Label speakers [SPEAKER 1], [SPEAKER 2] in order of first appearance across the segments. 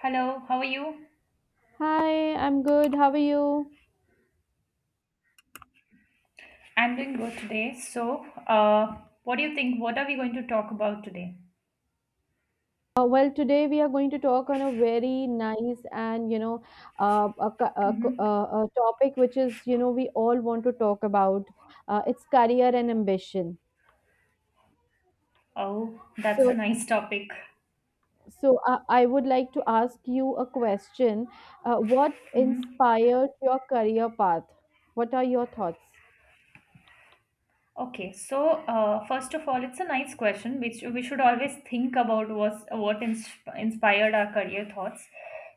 [SPEAKER 1] Hello, how are you?
[SPEAKER 2] Hi, I'm good. How are you?
[SPEAKER 1] I'm doing good today. What do you think? What are we going to talk about today?
[SPEAKER 2] Today we are going to talk on a very nice and
[SPEAKER 1] Mm-hmm.
[SPEAKER 2] a topic which is we all want to talk about. It's career and ambition.
[SPEAKER 1] Oh, that's a
[SPEAKER 2] So,
[SPEAKER 1] nice topic.
[SPEAKER 2] so, I would like to ask you a question. What
[SPEAKER 1] Mm-hmm.
[SPEAKER 2] inspired your career path? What are your thoughts?
[SPEAKER 1] Okay, first of all, it's a nice question which we should always think about was what inspired our career thoughts.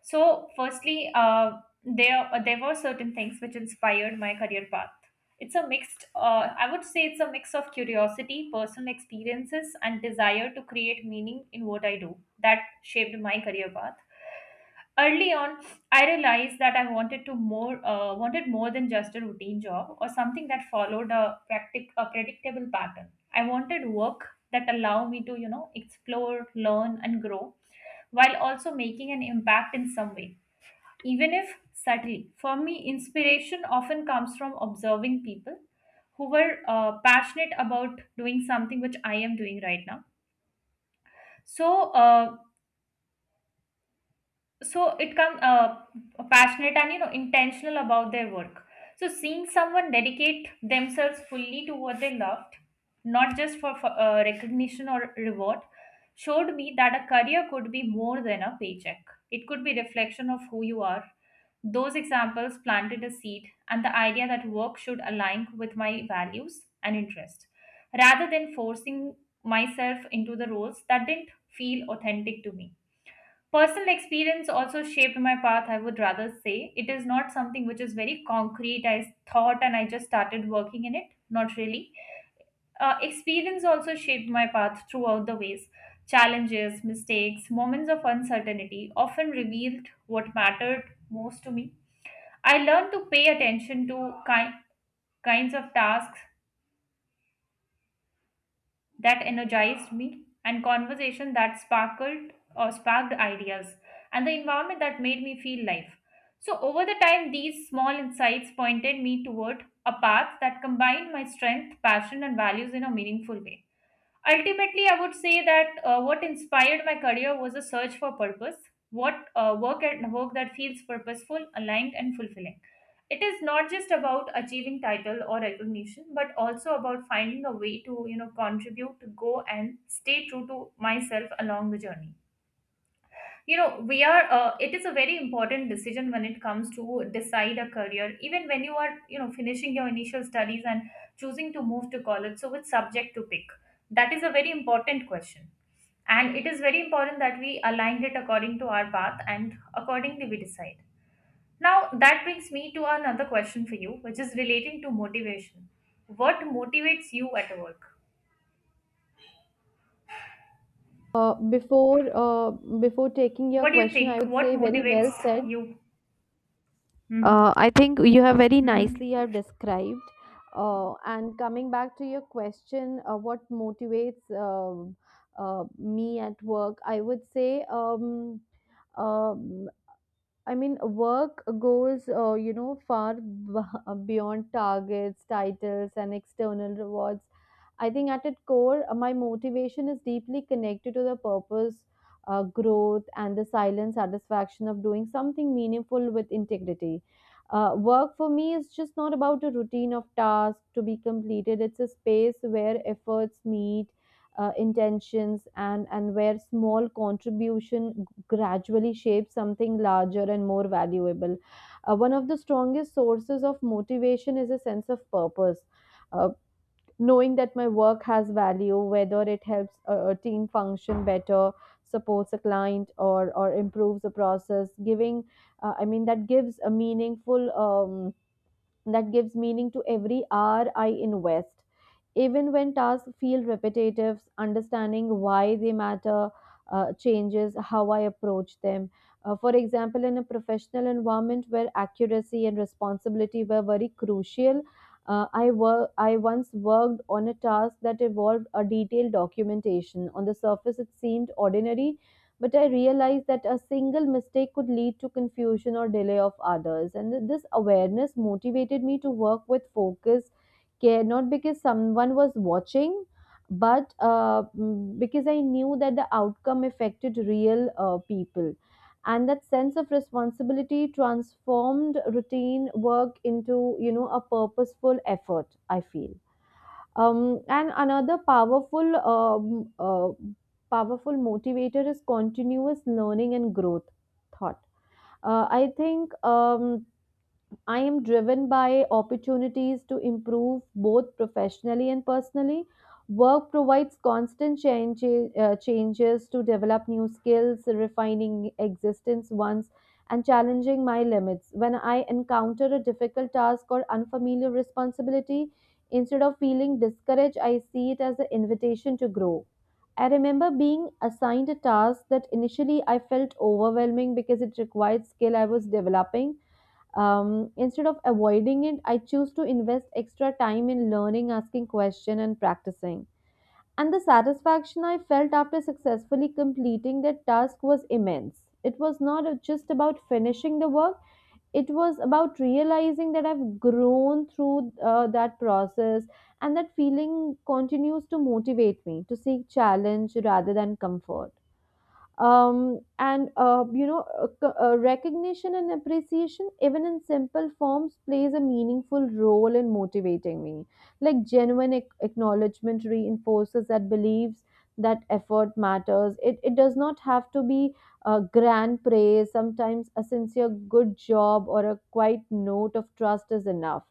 [SPEAKER 1] So, firstly, there were certain things which inspired my career path. It's a mixed, I would say, it's a mix of curiosity, personal experiences, and desire to create meaning in what I do that shaped my career path early on. I realized that I wanted more than just a routine job or something that followed a predictable pattern. I wanted work that allow me to, you know, explore, learn, and grow, while also making an impact in some way, even if subtly. For me, inspiration often comes from observing people who were, passionate about doing something which I am doing right now. So uh, so it comes, passionate and, you know, intentional about their work. So seeing someone dedicate themselves fully to what they loved, not just for recognition or reward, showed me that a career could be more than a paycheck. It could be reflection of who you are. Those examples planted a seed and the idea that work should align with my values and interest, rather than forcing myself into the roles that didn't feel authentic to me. Personal experience also shaped my path, I would rather say. It is not something which is very concrete. I thought and I just started working in it. Not really. Experience also shaped my path throughout the ways. Challenges, mistakes, moments of uncertainty often revealed what mattered most to me. I learned to pay attention to kinds of tasks that energized me, and conversation that sparkled or sparked ideas, and the environment that made me feel life. So over the time, these small insights pointed me toward a path that combined my strength, passion, and values in a meaningful way. Ultimately, I would say that, what inspired my career was a search for purpose. What work that feels purposeful, aligned, and fulfilling. It is not just about achieving title or recognition, but also about finding a way to, you know, contribute to go and stay true to myself along the journey. You know we are It is a very important decision when it comes to decide a career, even when you are, you know, finishing your initial studies and choosing to move to college, so which subject to pick. That is a very important question, and it is very important that we aligned it according to our path, and accordingly we decide. Now, that brings me to another question for you, which is relating to motivation. What motivates you at work?
[SPEAKER 2] Uh, before uh, before taking your
[SPEAKER 1] What do you
[SPEAKER 2] question, I
[SPEAKER 1] think?
[SPEAKER 2] would
[SPEAKER 1] What
[SPEAKER 2] say very
[SPEAKER 1] motivates
[SPEAKER 2] well said.
[SPEAKER 1] you? Hmm.
[SPEAKER 2] I think you have very nicely
[SPEAKER 1] Hmm.
[SPEAKER 2] have described. And coming back to your question, what motivates me at work? I would say um, I mean, work goes, you know, beyond targets, titles, and external rewards. I think at its core, my motivation is deeply connected to the purpose, growth, and the silent satisfaction of doing something meaningful with integrity. Work for me is just not about a routine of tasks to be completed. It's a space where efforts meet intentions, and where small contribution gradually shape something larger and more valuable. One of the strongest sources of motivation is a sense of purpose. Uh, knowing that my work has value, whether it helps a team function better, supports a client, or improves a process, giving I mean that gives a meaningful that gives meaning to every hour I invest. Even when tasks feel repetitive, understanding why they matter changes how I approach them. For example, in a professional environment where accuracy and responsibility were very crucial, I once worked on a task that involved a detailed documentation. On the surface, it seemed ordinary, but I realized that a single mistake could lead to confusion or delay of others, and this awareness motivated me to work with focus, care, not because someone was watching, but because I knew that the outcome affected real people, and that sense of responsibility transformed routine work into, you know, a purposeful effort I feel. And another powerful motivator is continuous learning and growth. Thought. I think. I am driven by opportunities to improve both professionally and personally. Work provides constant changes to develop new skills, refining existence ones, and challenging my limits. When I encounter a difficult task or unfamiliar responsibility, instead of feeling discouraged, I see it as an invitation to grow. I remember being assigned a task that initially I felt overwhelming because it required skill I was developing. Instead of avoiding it, I choose to invest extra time in learning, asking questions, and practicing, and the satisfaction I felt after successfully completing that task was immense. It was not just about finishing the work, it was about realizing that I've grown through that process, and that feeling continues to motivate me to seek challenge rather than comfort. And you know c- Recognition and appreciation even in simple forms plays a meaningful role in motivating me, like acknowledgement reinforces that beliefs that effort matters. It does not have to be a grand praise. Sometimes a sincere good job or a quiet note of trust is enough.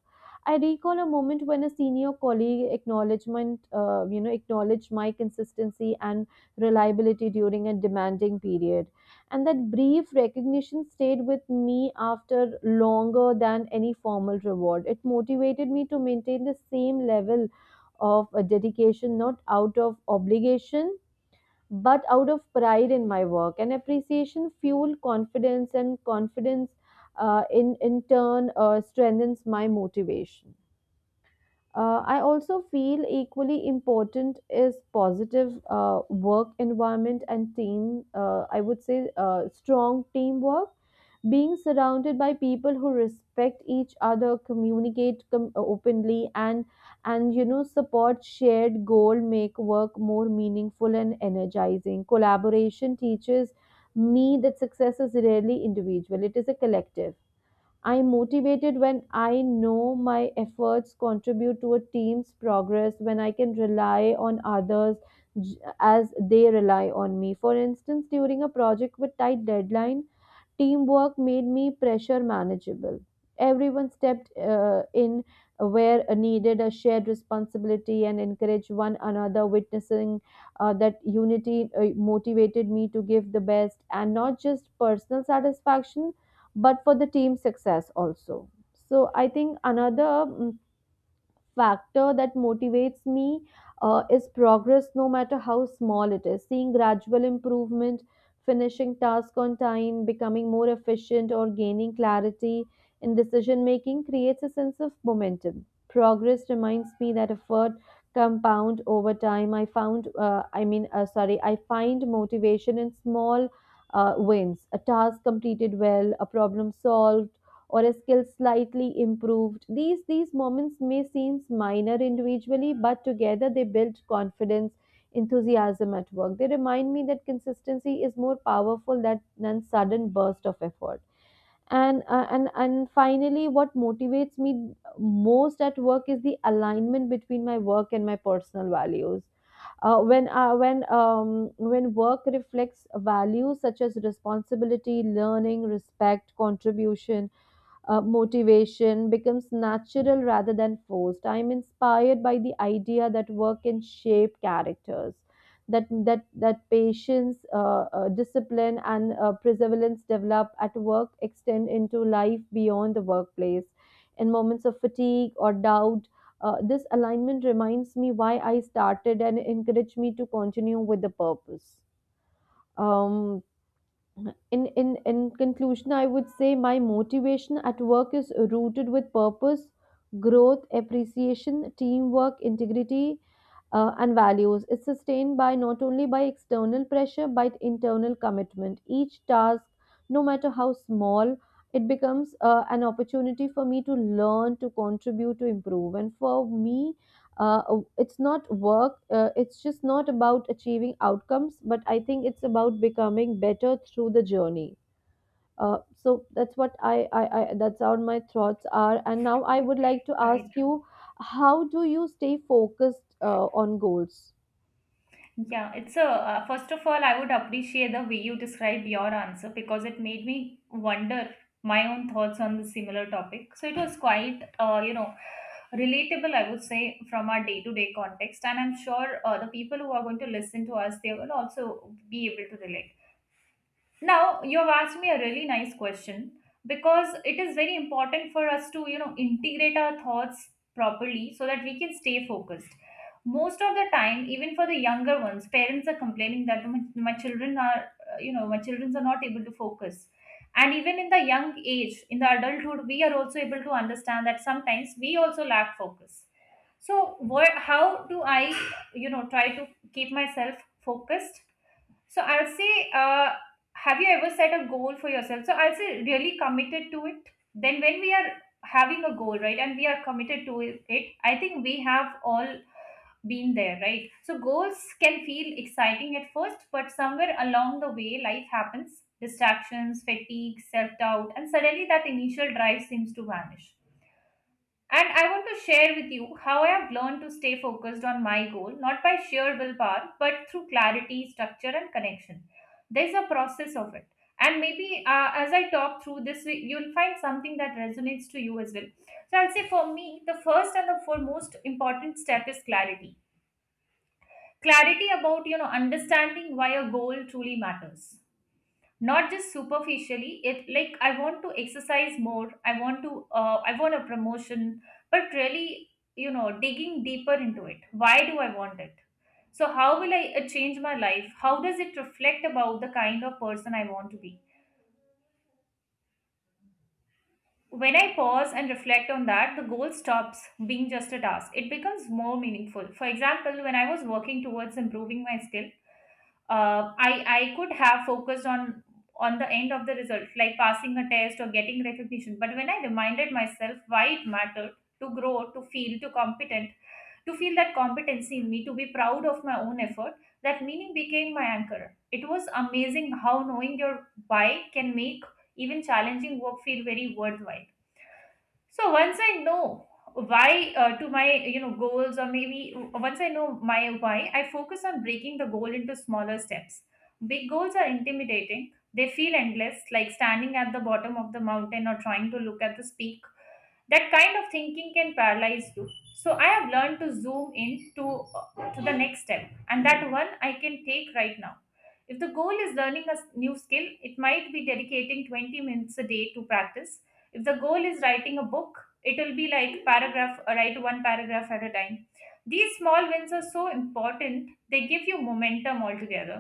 [SPEAKER 2] I recall a moment when a senior colleague acknowledged my consistency and reliability during a demanding period. And that brief recognition stayed with me after longer than any formal reward. It motivated me to maintain the same level of a dedication, not out of obligation, but out of pride in my work. And appreciation fueled confidence, and confidence in turn strengthens my motivation. I also feel equally important is positive work environment and team. I would say strong teamwork. Being surrounded by people who respect each other, communicate openly, and you know, support shared goal make work more meaningful and energizing. Collaboration teaches me that success is rarely individual; it is a collective. I'm motivated when I know my efforts contribute to a team's progress, when I can rely on others as they rely on me. For instance, during a project with tight deadline, teamwork made me pressure manageable. Everyone stepped in where needed, a shared responsibility and encouraged one another, witnessing that unity motivated me to give the best, and not just personal satisfaction but for the team success also. So, I think another mm, factor that motivates me is progress, no matter how small it is. Seeing gradual improvement, finishing task on time, becoming more efficient, or gaining clarity in decision making creates a sense of momentum. Progress reminds me that effort compound over time. I found, I mean, sorry, I find motivation in small wins. A task completed well, a problem solved, or a skill slightly improved. These moments may seem minor individually, but together they build confidence, enthusiasm at work. They remind me that consistency is more powerful than sudden burst of effort. And finally, what motivates me most at work is the alignment between my work and my personal values. When work reflects values such as responsibility, learning, respect, contribution, motivation becomes natural rather than forced. I'm inspired by the idea that work can shape characters, that patience, discipline, and perseverance develop at work extend into life beyond the workplace. In moments of fatigue or doubt, this alignment reminds me why I started and encouraged me to continue with the purpose. Um, in conclusion, I would say my motivation at work is rooted with purpose, growth, appreciation, teamwork, integrity, and values. It's sustained by not only by external pressure but internal commitment. Each task, no matter how small, it becomes an opportunity for me to learn, to contribute, to improve, and for me, uh, it's not work. It's just not about achieving outcomes, but I think it's about becoming better through the journey. So that's what I that's how my thoughts are, and now I would like to
[SPEAKER 1] Right.
[SPEAKER 2] ask you, how do you stay focused on goals?
[SPEAKER 1] Yeah, it's a first of all, I would appreciate the way you described your answer, because it made me wonder my own thoughts on the similar topic. So it was quite, you know, relatable, I would say, from our day to day context. And I'm sure, the people who are going to listen to us, they will also be able to relate. Now, you have asked me a really nice question, because it is very important for us to, you know, integrate our thoughts properly so that we can stay focused. Most of the time, even for the younger ones, parents are complaining that my children are, you know, my children are not able to focus. And even in the young age, in the adulthood, we are also able to understand that sometimes we also lack focus. So, what, how do I, you know, try to keep myself focused? So I will say, have you ever set a goal for yourself? So I'll say really committed to it. Then when we are having a goal, right, and we are committed to it, I think we have all been there, right? So goals can feel exciting at first, but somewhere along the way, life happens: distractions, fatigue, self doubt, and suddenly that initial drive seems to vanish. And I want to share with you how I have learned to stay focused on my goal, not by sheer willpower, but through clarity, structure, and connection. There's a process of it. And maybe, as I talk through this, you'll find something that resonates to you as well. So I'll say for me, the first and the foremost important step is clarity. Clarity about, you know, understanding why a goal truly matters, not just superficially. It like, I want to exercise more, I want to, I want a promotion, but really, you know, digging deeper into it. Why do I want it? So how will I, change my life? How does it reflect about the kind of person I want to be? When I pause and reflect on that, the goal stops being just a task. It becomes more meaningful. For example, when I was working towards improving my skill, I could have focused on the end of the result, like passing a test or getting recognition. But when I reminded myself why it mattered, to grow, to feel, to competent, to feel that competency in me, to be proud of my own effort, that meaning became my anchor. It was amazing how knowing your why can make even challenging work feel very worthwhile. So once I know why, to my, you know, goals, or maybe once I know my why, I focus on breaking the goal into smaller steps. Big goals are intimidating. They feel endless, like standing at the bottom of the mountain or trying to look at the peak. That kind of thinking can paralyze you. So I have learned to zoom in to, uh, to the next step, and that one I can take right now. If the goal is learning a new skill, it might be dedicating 20 minutes a day to practice. If the goal is writing a book, it will be like paragraph write one paragraph at a time. These small wins are so important. They give you momentum altogether,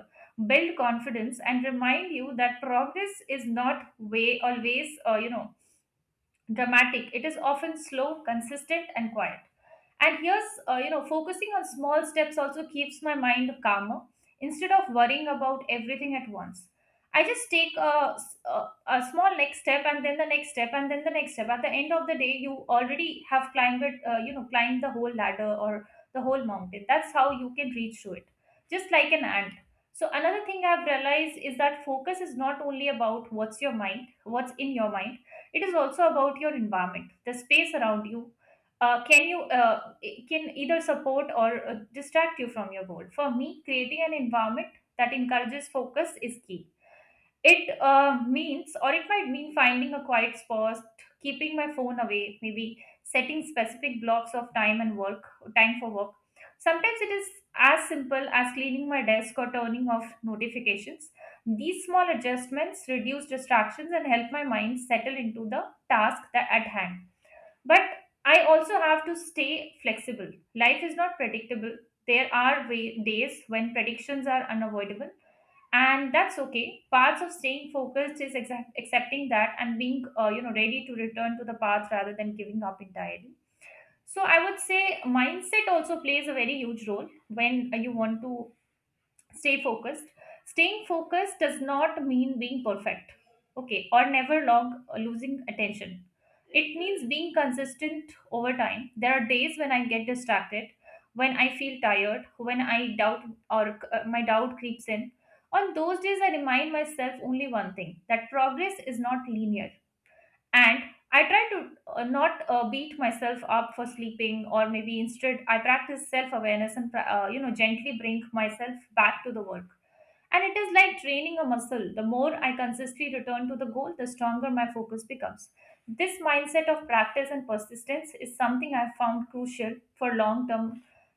[SPEAKER 1] build confidence, and remind you that progress is not way always, you know, dramatic. It is often slow, consistent, and quiet. And here's, you know, focusing on small steps also keeps my mind calmer instead of worrying about everything at once. I just take a small next step, and then the next step, and then the next step. At the end of the day, you already have climbed, it, you know, climbed the whole ladder or the whole mountain. That's how you can reach to it, just like an ant. So another thing I've realized is that focus is not only about what's in your mind, it is also about your environment, the space around you. Can you It can either support or, distract you from your goal. For me, creating an environment that encourages focus is key. It might mean finding a quiet spot, keeping my phone away, maybe setting specific blocks of time and work, time for work. Sometimes it is as simple as cleaning my desk or turning off notifications. These small adjustments reduce distractions and help my mind settle into the task that at hand. But I also have to stay flexible. Life is not predictable. There are days when predictions are unavoidable, and that's okay. Parts of staying focused is accepting that and being, you know, ready to return to the path rather than giving up entirely. So I would say mindset also plays a very huge role when, you want to stay focused. Staying focused does not mean being perfect, okay, or never long losing attention. It means being consistent over time. There are days when I get distracted, when I feel tired, when I doubt, or, my doubt creeps in. On those days, I remind myself only one thing: that progress is not linear. And I try to, not beat myself up for sleeping, or maybe instead I practice self awareness, and you know, gently bring myself back to the work. And it is like training a muscle. The more I consistently return to the goal, the stronger my focus becomes. This mindset of practice and persistence is something I found crucial for long term,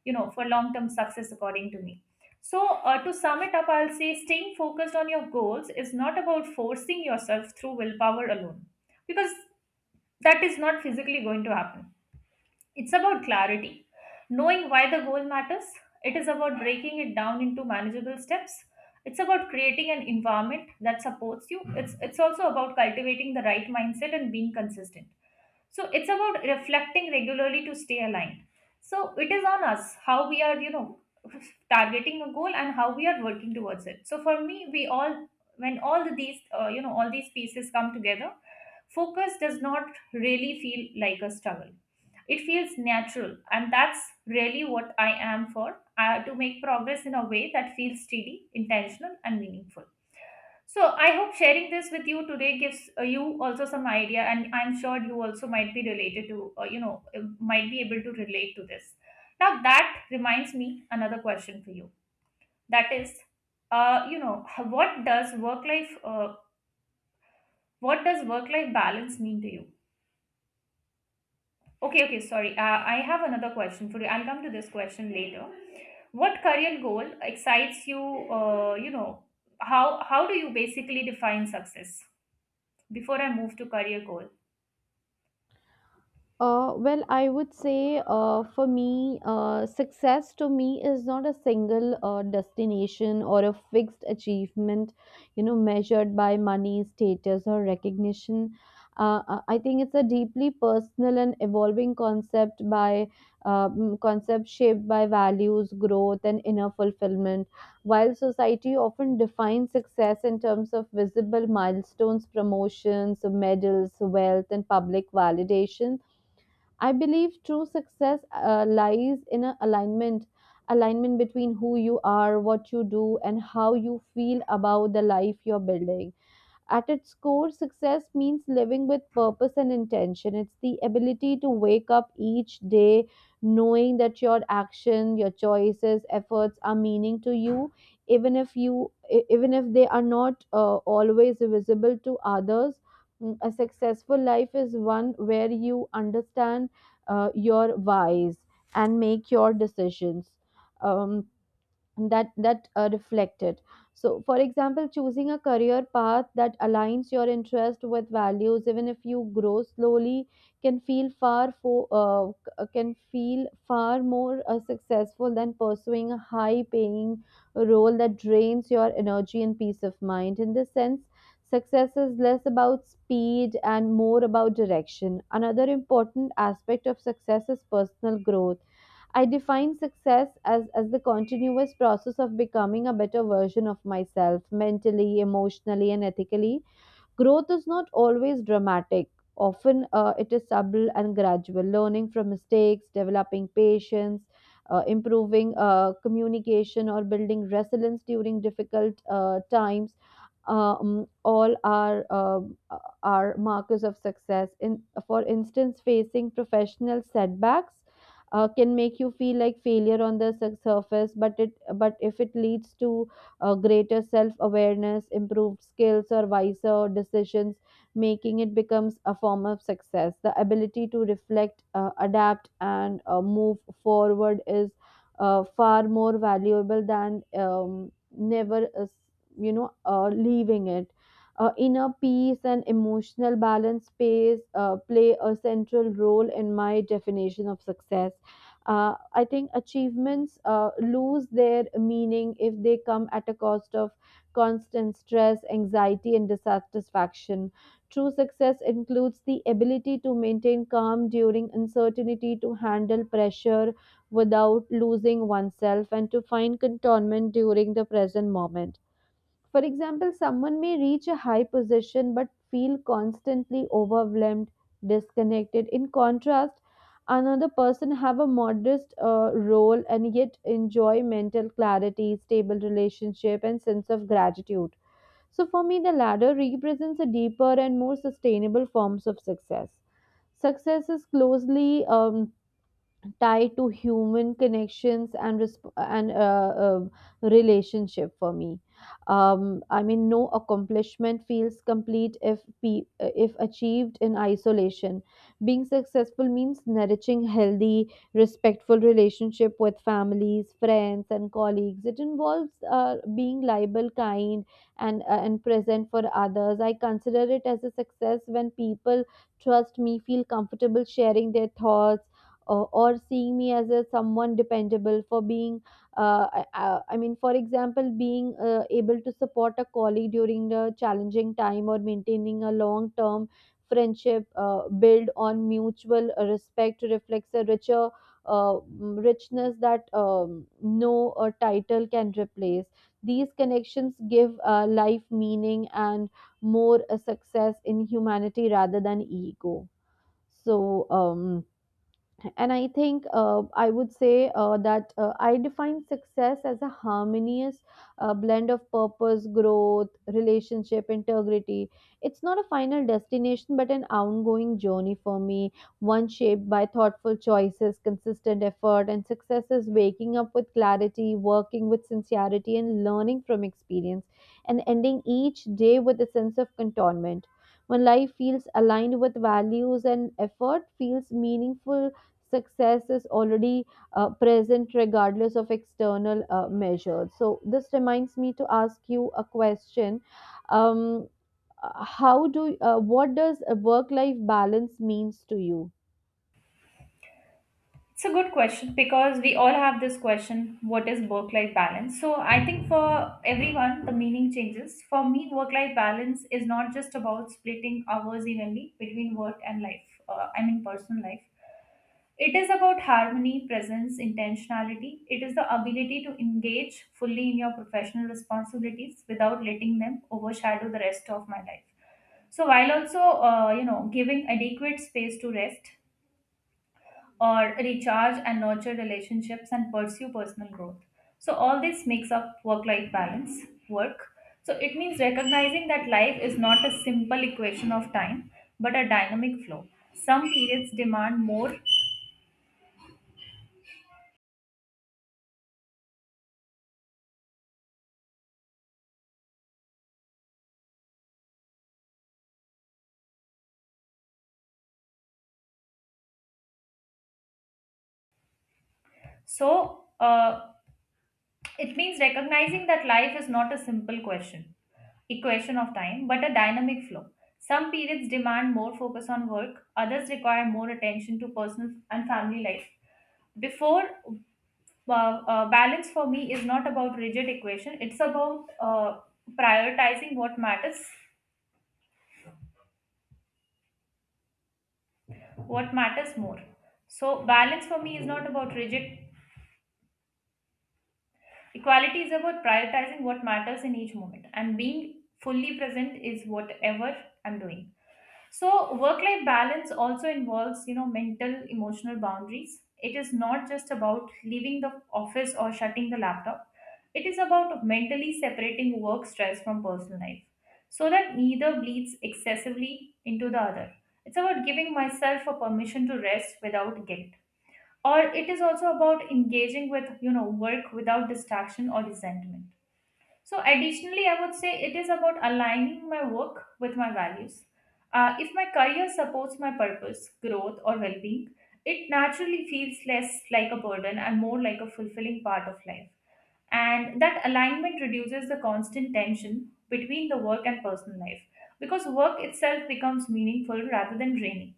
[SPEAKER 1] you know, for long term success, according to me. So to sum it up, I'll say staying focused on your goals is not about forcing yourself through willpower alone, because that is not physically going to happen. It's about clarity, knowing why the goal matters. It is about breaking it down into manageable steps. It's about creating an environment that supports you. It's also about cultivating the right mindset and being consistent. So it's about reflecting regularly to stay aligned. So it is on us how we are targeting a goal and how we are working towards it. So for me, we all, when all these all these pieces come together, focus does not really feel like a struggle. It feels natural, and that's really what I am for, to make progress in a way that feels steady, intentional, and meaningful. So, I hope sharing this with you today gives you also some idea, and I'm sure you also might be related to, might be able to relate to this. Now, that reminds me another question for you. That is, what does work what does work life balance mean to you? Okay, okay, sorry. I have another question for you. I'll come to this question later. What career goal excites you, you know how do you basically define success before I move to career goal?
[SPEAKER 2] I would say, for me, success to me is not a single destination or a fixed achievement, you know, measured by money, status, or recognition. I think it's a deeply personal and evolving concept shaped by values, growth, and inner fulfillment. While society often defines success in terms of visible milestones, promotions, medals, wealth, and public validation, I believe true success lies in a alignment, between who you are, what you do, and how you feel about the life you're building. At its core, success means living with purpose and intention. It's the ability to wake up each day knowing that your action, your choices, efforts are meaning to you, even if you e- even if they are not always visible to others. A successful life is one where you understand your whys and make your decisions. Um, that that reflected, so for example, choosing a career path that aligns your interest with values, even if you grow slowly, can feel can feel far more successful than pursuing a high paying role that drains your energy and peace of mind. In this sense, success is less about speed and more about direction. Another important aspect of success is personal growth. I define success as the continuous process of becoming a better version of myself, mentally, emotionally, and ethically. Growth is not always dramatic. Often it is subtle and gradual, learning from mistakes, developing patience, improving communication, or building resilience during difficult times. All are markers of success. In for instance, facing professional setbacks can make you feel like failure on the surface, but it but if it leads to greater self awareness, improved skills, or wiser decisions making. It becomes a form of success. The ability to reflect, adapt, and move forward is far more valuable than never, you know, leaving it. Inner peace and emotional balance space play a central role in my definition of success. I think achievements lose their meaning if they come at a cost of constant stress, anxiety, and dissatisfaction. True success includes the ability to maintain calm during uncertainty, to handle pressure without losing oneself, and to find contentment during the present moment. For example, someone may reach a high position but feel constantly overwhelmed, disconnected. In contrast, another person have a modest role and yet enjoy mental clarity, stable relationship and sense of gratitude. So for me the latter represents a deeper and more sustainable forms of success. Success is closely tied to human connections and and relationship for me. I mean no accomplishment feels complete if achieved in isolation. Being successful means nourishing healthy respectful relationship with families, friends and colleagues. It involves being liable, kind and present for others. I consider it as a success when people trust me, feel comfortable sharing their thoughts, or seeing me as a someone dependable for being I mean for example being able to support a colleague during the challenging time or maintaining a long term friendship build on mutual respect reflects a richer richness that no title can replace. These connections give life meaning and more a success in humanity rather than ego. So um and I think I would say that I define success as a harmonious blend of purpose, growth, relationship, integrity. It's not a final destination, but an ongoing journey for me, one shaped by thoughtful choices, consistent effort, and success is waking up with clarity, working with sincerity, and learning from experience, and ending each day with a sense of contentment. When life feels aligned with values and effort, feels meaningful, success is already present regardless of external measures. So this reminds me to ask you a question. Um, how do What does a work life balance means to you?
[SPEAKER 1] It's a good question, because we all have this question, what is work life balance? So I think for everyone the meaning changes. For me, work life balance is not just about splitting hours evenly between work and life, I mean personal life. It is about harmony, presence, intentionality. It is the ability to engage fully in your professional responsibilities without letting them overshadow the rest of my life. So while also, giving adequate space to rest or recharge and nurture relationships and pursue personal growth. So all this makes up work-life balance, work. So it means recognizing that life is not a simple equation of time, but a dynamic flow. Some periods demand more, so uh, it means recognizing that life is not a simple question, equation of time, but a dynamic flow. Some periods demand more focus on work, others require more attention to personal and family life. Before Balance for me is not about rigid equation, it's about prioritizing what matters more. So balance for me is not about rigid equality, is about prioritizing what matters in each moment and being fully present is whatever I'm doing. So work-life balance also involves, mental, emotional boundaries. It is not just about leaving the office or shutting the laptop. It is about mentally separating work stress from personal life so that neither bleeds excessively into the other. It's about giving myself a permission to rest without guilt. Or it is also about engaging with, work without distraction or resentment. So, additionally, I would say it is about aligning my work with my values. If my career supports my purpose, growth, or well being, it naturally feels less like a burden and more like a fulfilling part of life. And that alignment reduces the constant tension between the work and personal life, because work itself becomes meaningful rather than draining.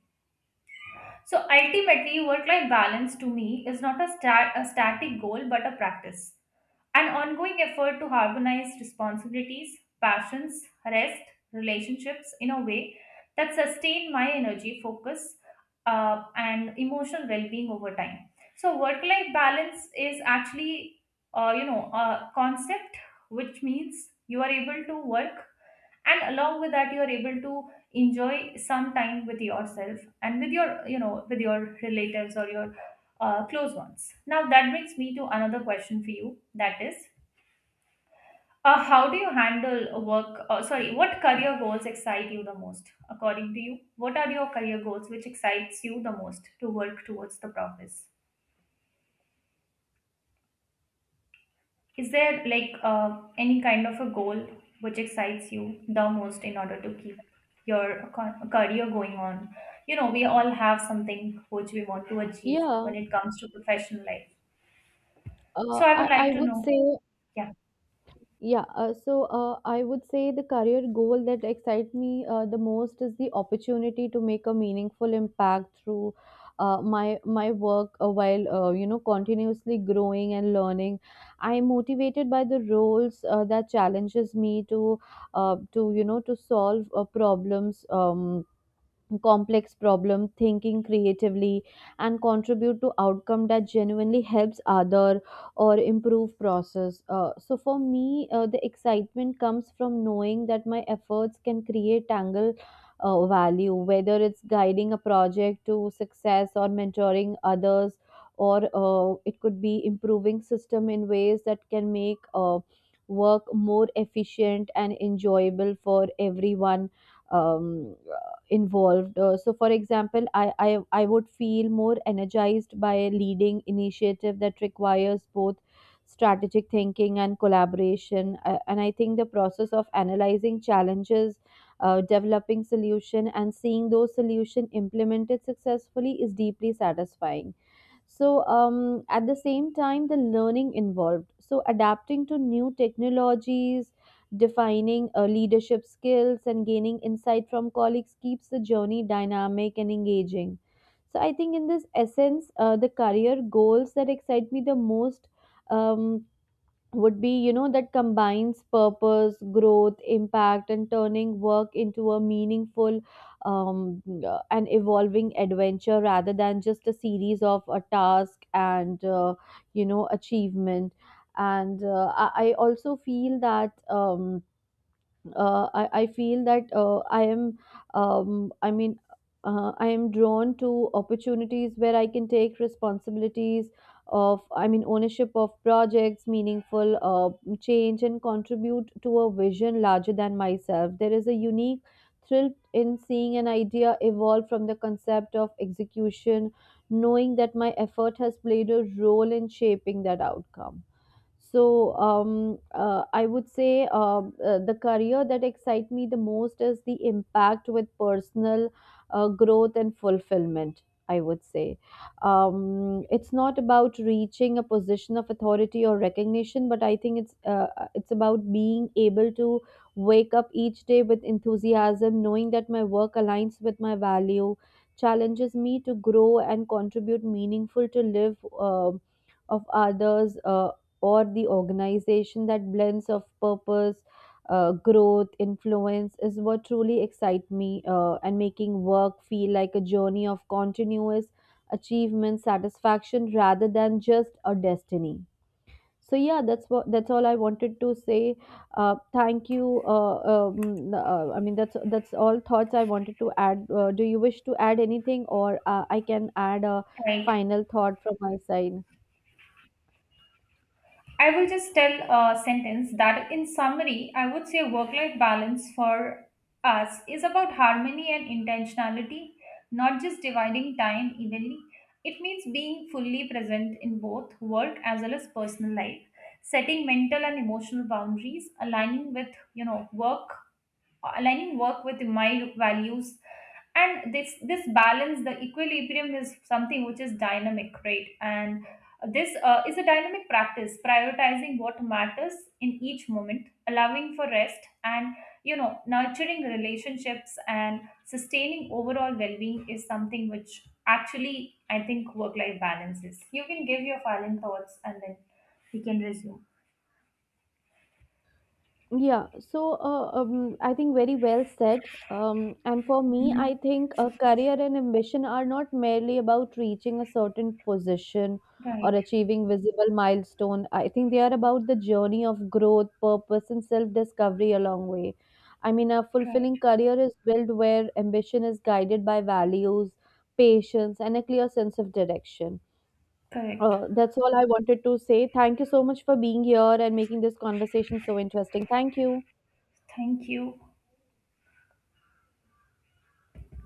[SPEAKER 1] So, ultimately, work life balance to me is not a, a static goal, but a practice, an ongoing effort to harmonize responsibilities, passions, rest, relationships in a way that sustain my energy, focus, and emotional well-being over time. So, work-life balance is actually, a concept which means you are able to work, and along with that, you are able to enjoy some time with yourself and with your, with your relatives or your close ones. Now, that brings me to another question for you. That is, how do you handle work? Sorry, what career goals excite you the most? According to you, what are your career goals which excites you the most to work towards the profits? Is there like any kind of a goal which excites you the most in order to keep your career going on? You know, we all have something which we want to achieve
[SPEAKER 2] Yeah,
[SPEAKER 1] when it comes to professional life.
[SPEAKER 2] uh,
[SPEAKER 1] So I would
[SPEAKER 2] I, I
[SPEAKER 1] like to
[SPEAKER 2] would say.
[SPEAKER 1] know. Yeah,
[SPEAKER 2] Yeah, I would say the career goal that excites me the most is the opportunity to make a meaningful impact through my work while you know continuously growing and learning. I'm motivated by the roles that challenges me to solve problems. Complex problem thinking creatively and contribute to outcome that genuinely helps other or improve process. Uh, so for me uh, the excitement comes from knowing that my efforts can create tangle value, whether it's guiding a project to success or mentoring others, or it could be improving system in ways that can make work more efficient and enjoyable for everyone um, involved. So for example I would feel more energized by a leading initiative that requires both strategic thinking and collaboration. And I think the process of analyzing challenges, developing solution and seeing those solution implemented successfully is deeply satisfying. So at the same time the learning involved, so adapting to new technologies, defining leadership skills and gaining insight from colleagues keeps the journey dynamic and engaging. So I think in this essence, the career goals that excite me the most um, would be, you know, that combines purpose, growth, impact and turning work into a meaningful and evolving adventure rather than just a series of a task and you know achievement. And I also feel that I feel that I am, um, I mean, I am drawn to opportunities where I can take responsibilities of, I mean, ownership of projects, meaningful change, and contribute to a vision larger than myself. There is a unique thrill in seeing an idea evolve from the concept of execution, knowing that my effort has played a role in shaping that outcome. So I would say The career that excites me the most is the impact with personal growth and fulfillment. I would say it's not about reaching a position of authority or recognition, but I think it's about being able to wake up each day with enthusiasm, knowing that my work aligns with my value, challenges me to grow and contribute meaningful to live. Of others, or the organization that blends of purpose, growth, influence is what truly excite me, and making work feel like a journey of continuous achievement satisfaction rather than just a destiny. So yeah, that's all I wanted to say. Thank you. That's all thoughts I wanted to add. Do you wish to add anything, or I can add a
[SPEAKER 1] right.
[SPEAKER 2] final thought from my side?
[SPEAKER 1] I will just tell a sentence that, in summary, I would say work life balance for us is about harmony and intentionality, not just dividing time evenly. It means being fully present in both work as well as personal life, setting mental and emotional boundaries, aligning with, work, aligning work with my values. And this balance, the equilibrium, is something which is dynamic, right? And this is a dynamic practice, prioritizing what matters in each moment, allowing for rest and, you know, nurturing relationships and sustaining overall well-being is something which actually I think work-life balance is. You can give your final thoughts and then we can resume.
[SPEAKER 2] Yeah, I think very well said. And for me, I
[SPEAKER 1] Mhm.
[SPEAKER 2] think a career and ambition are not merely about reaching a certain position or
[SPEAKER 1] Right.
[SPEAKER 2] achieving visible milestone. I think they are about the journey of growth, purpose, and self-discovery along way. I mean, a
[SPEAKER 1] Right.
[SPEAKER 2] fulfilling career is built where ambition is guided by values, patience, and a clear sense of direction.
[SPEAKER 1] Correct.
[SPEAKER 2] That's all I wanted to say. Thank you so much for being here and making this conversation so interesting. Thank you.
[SPEAKER 1] Thank you.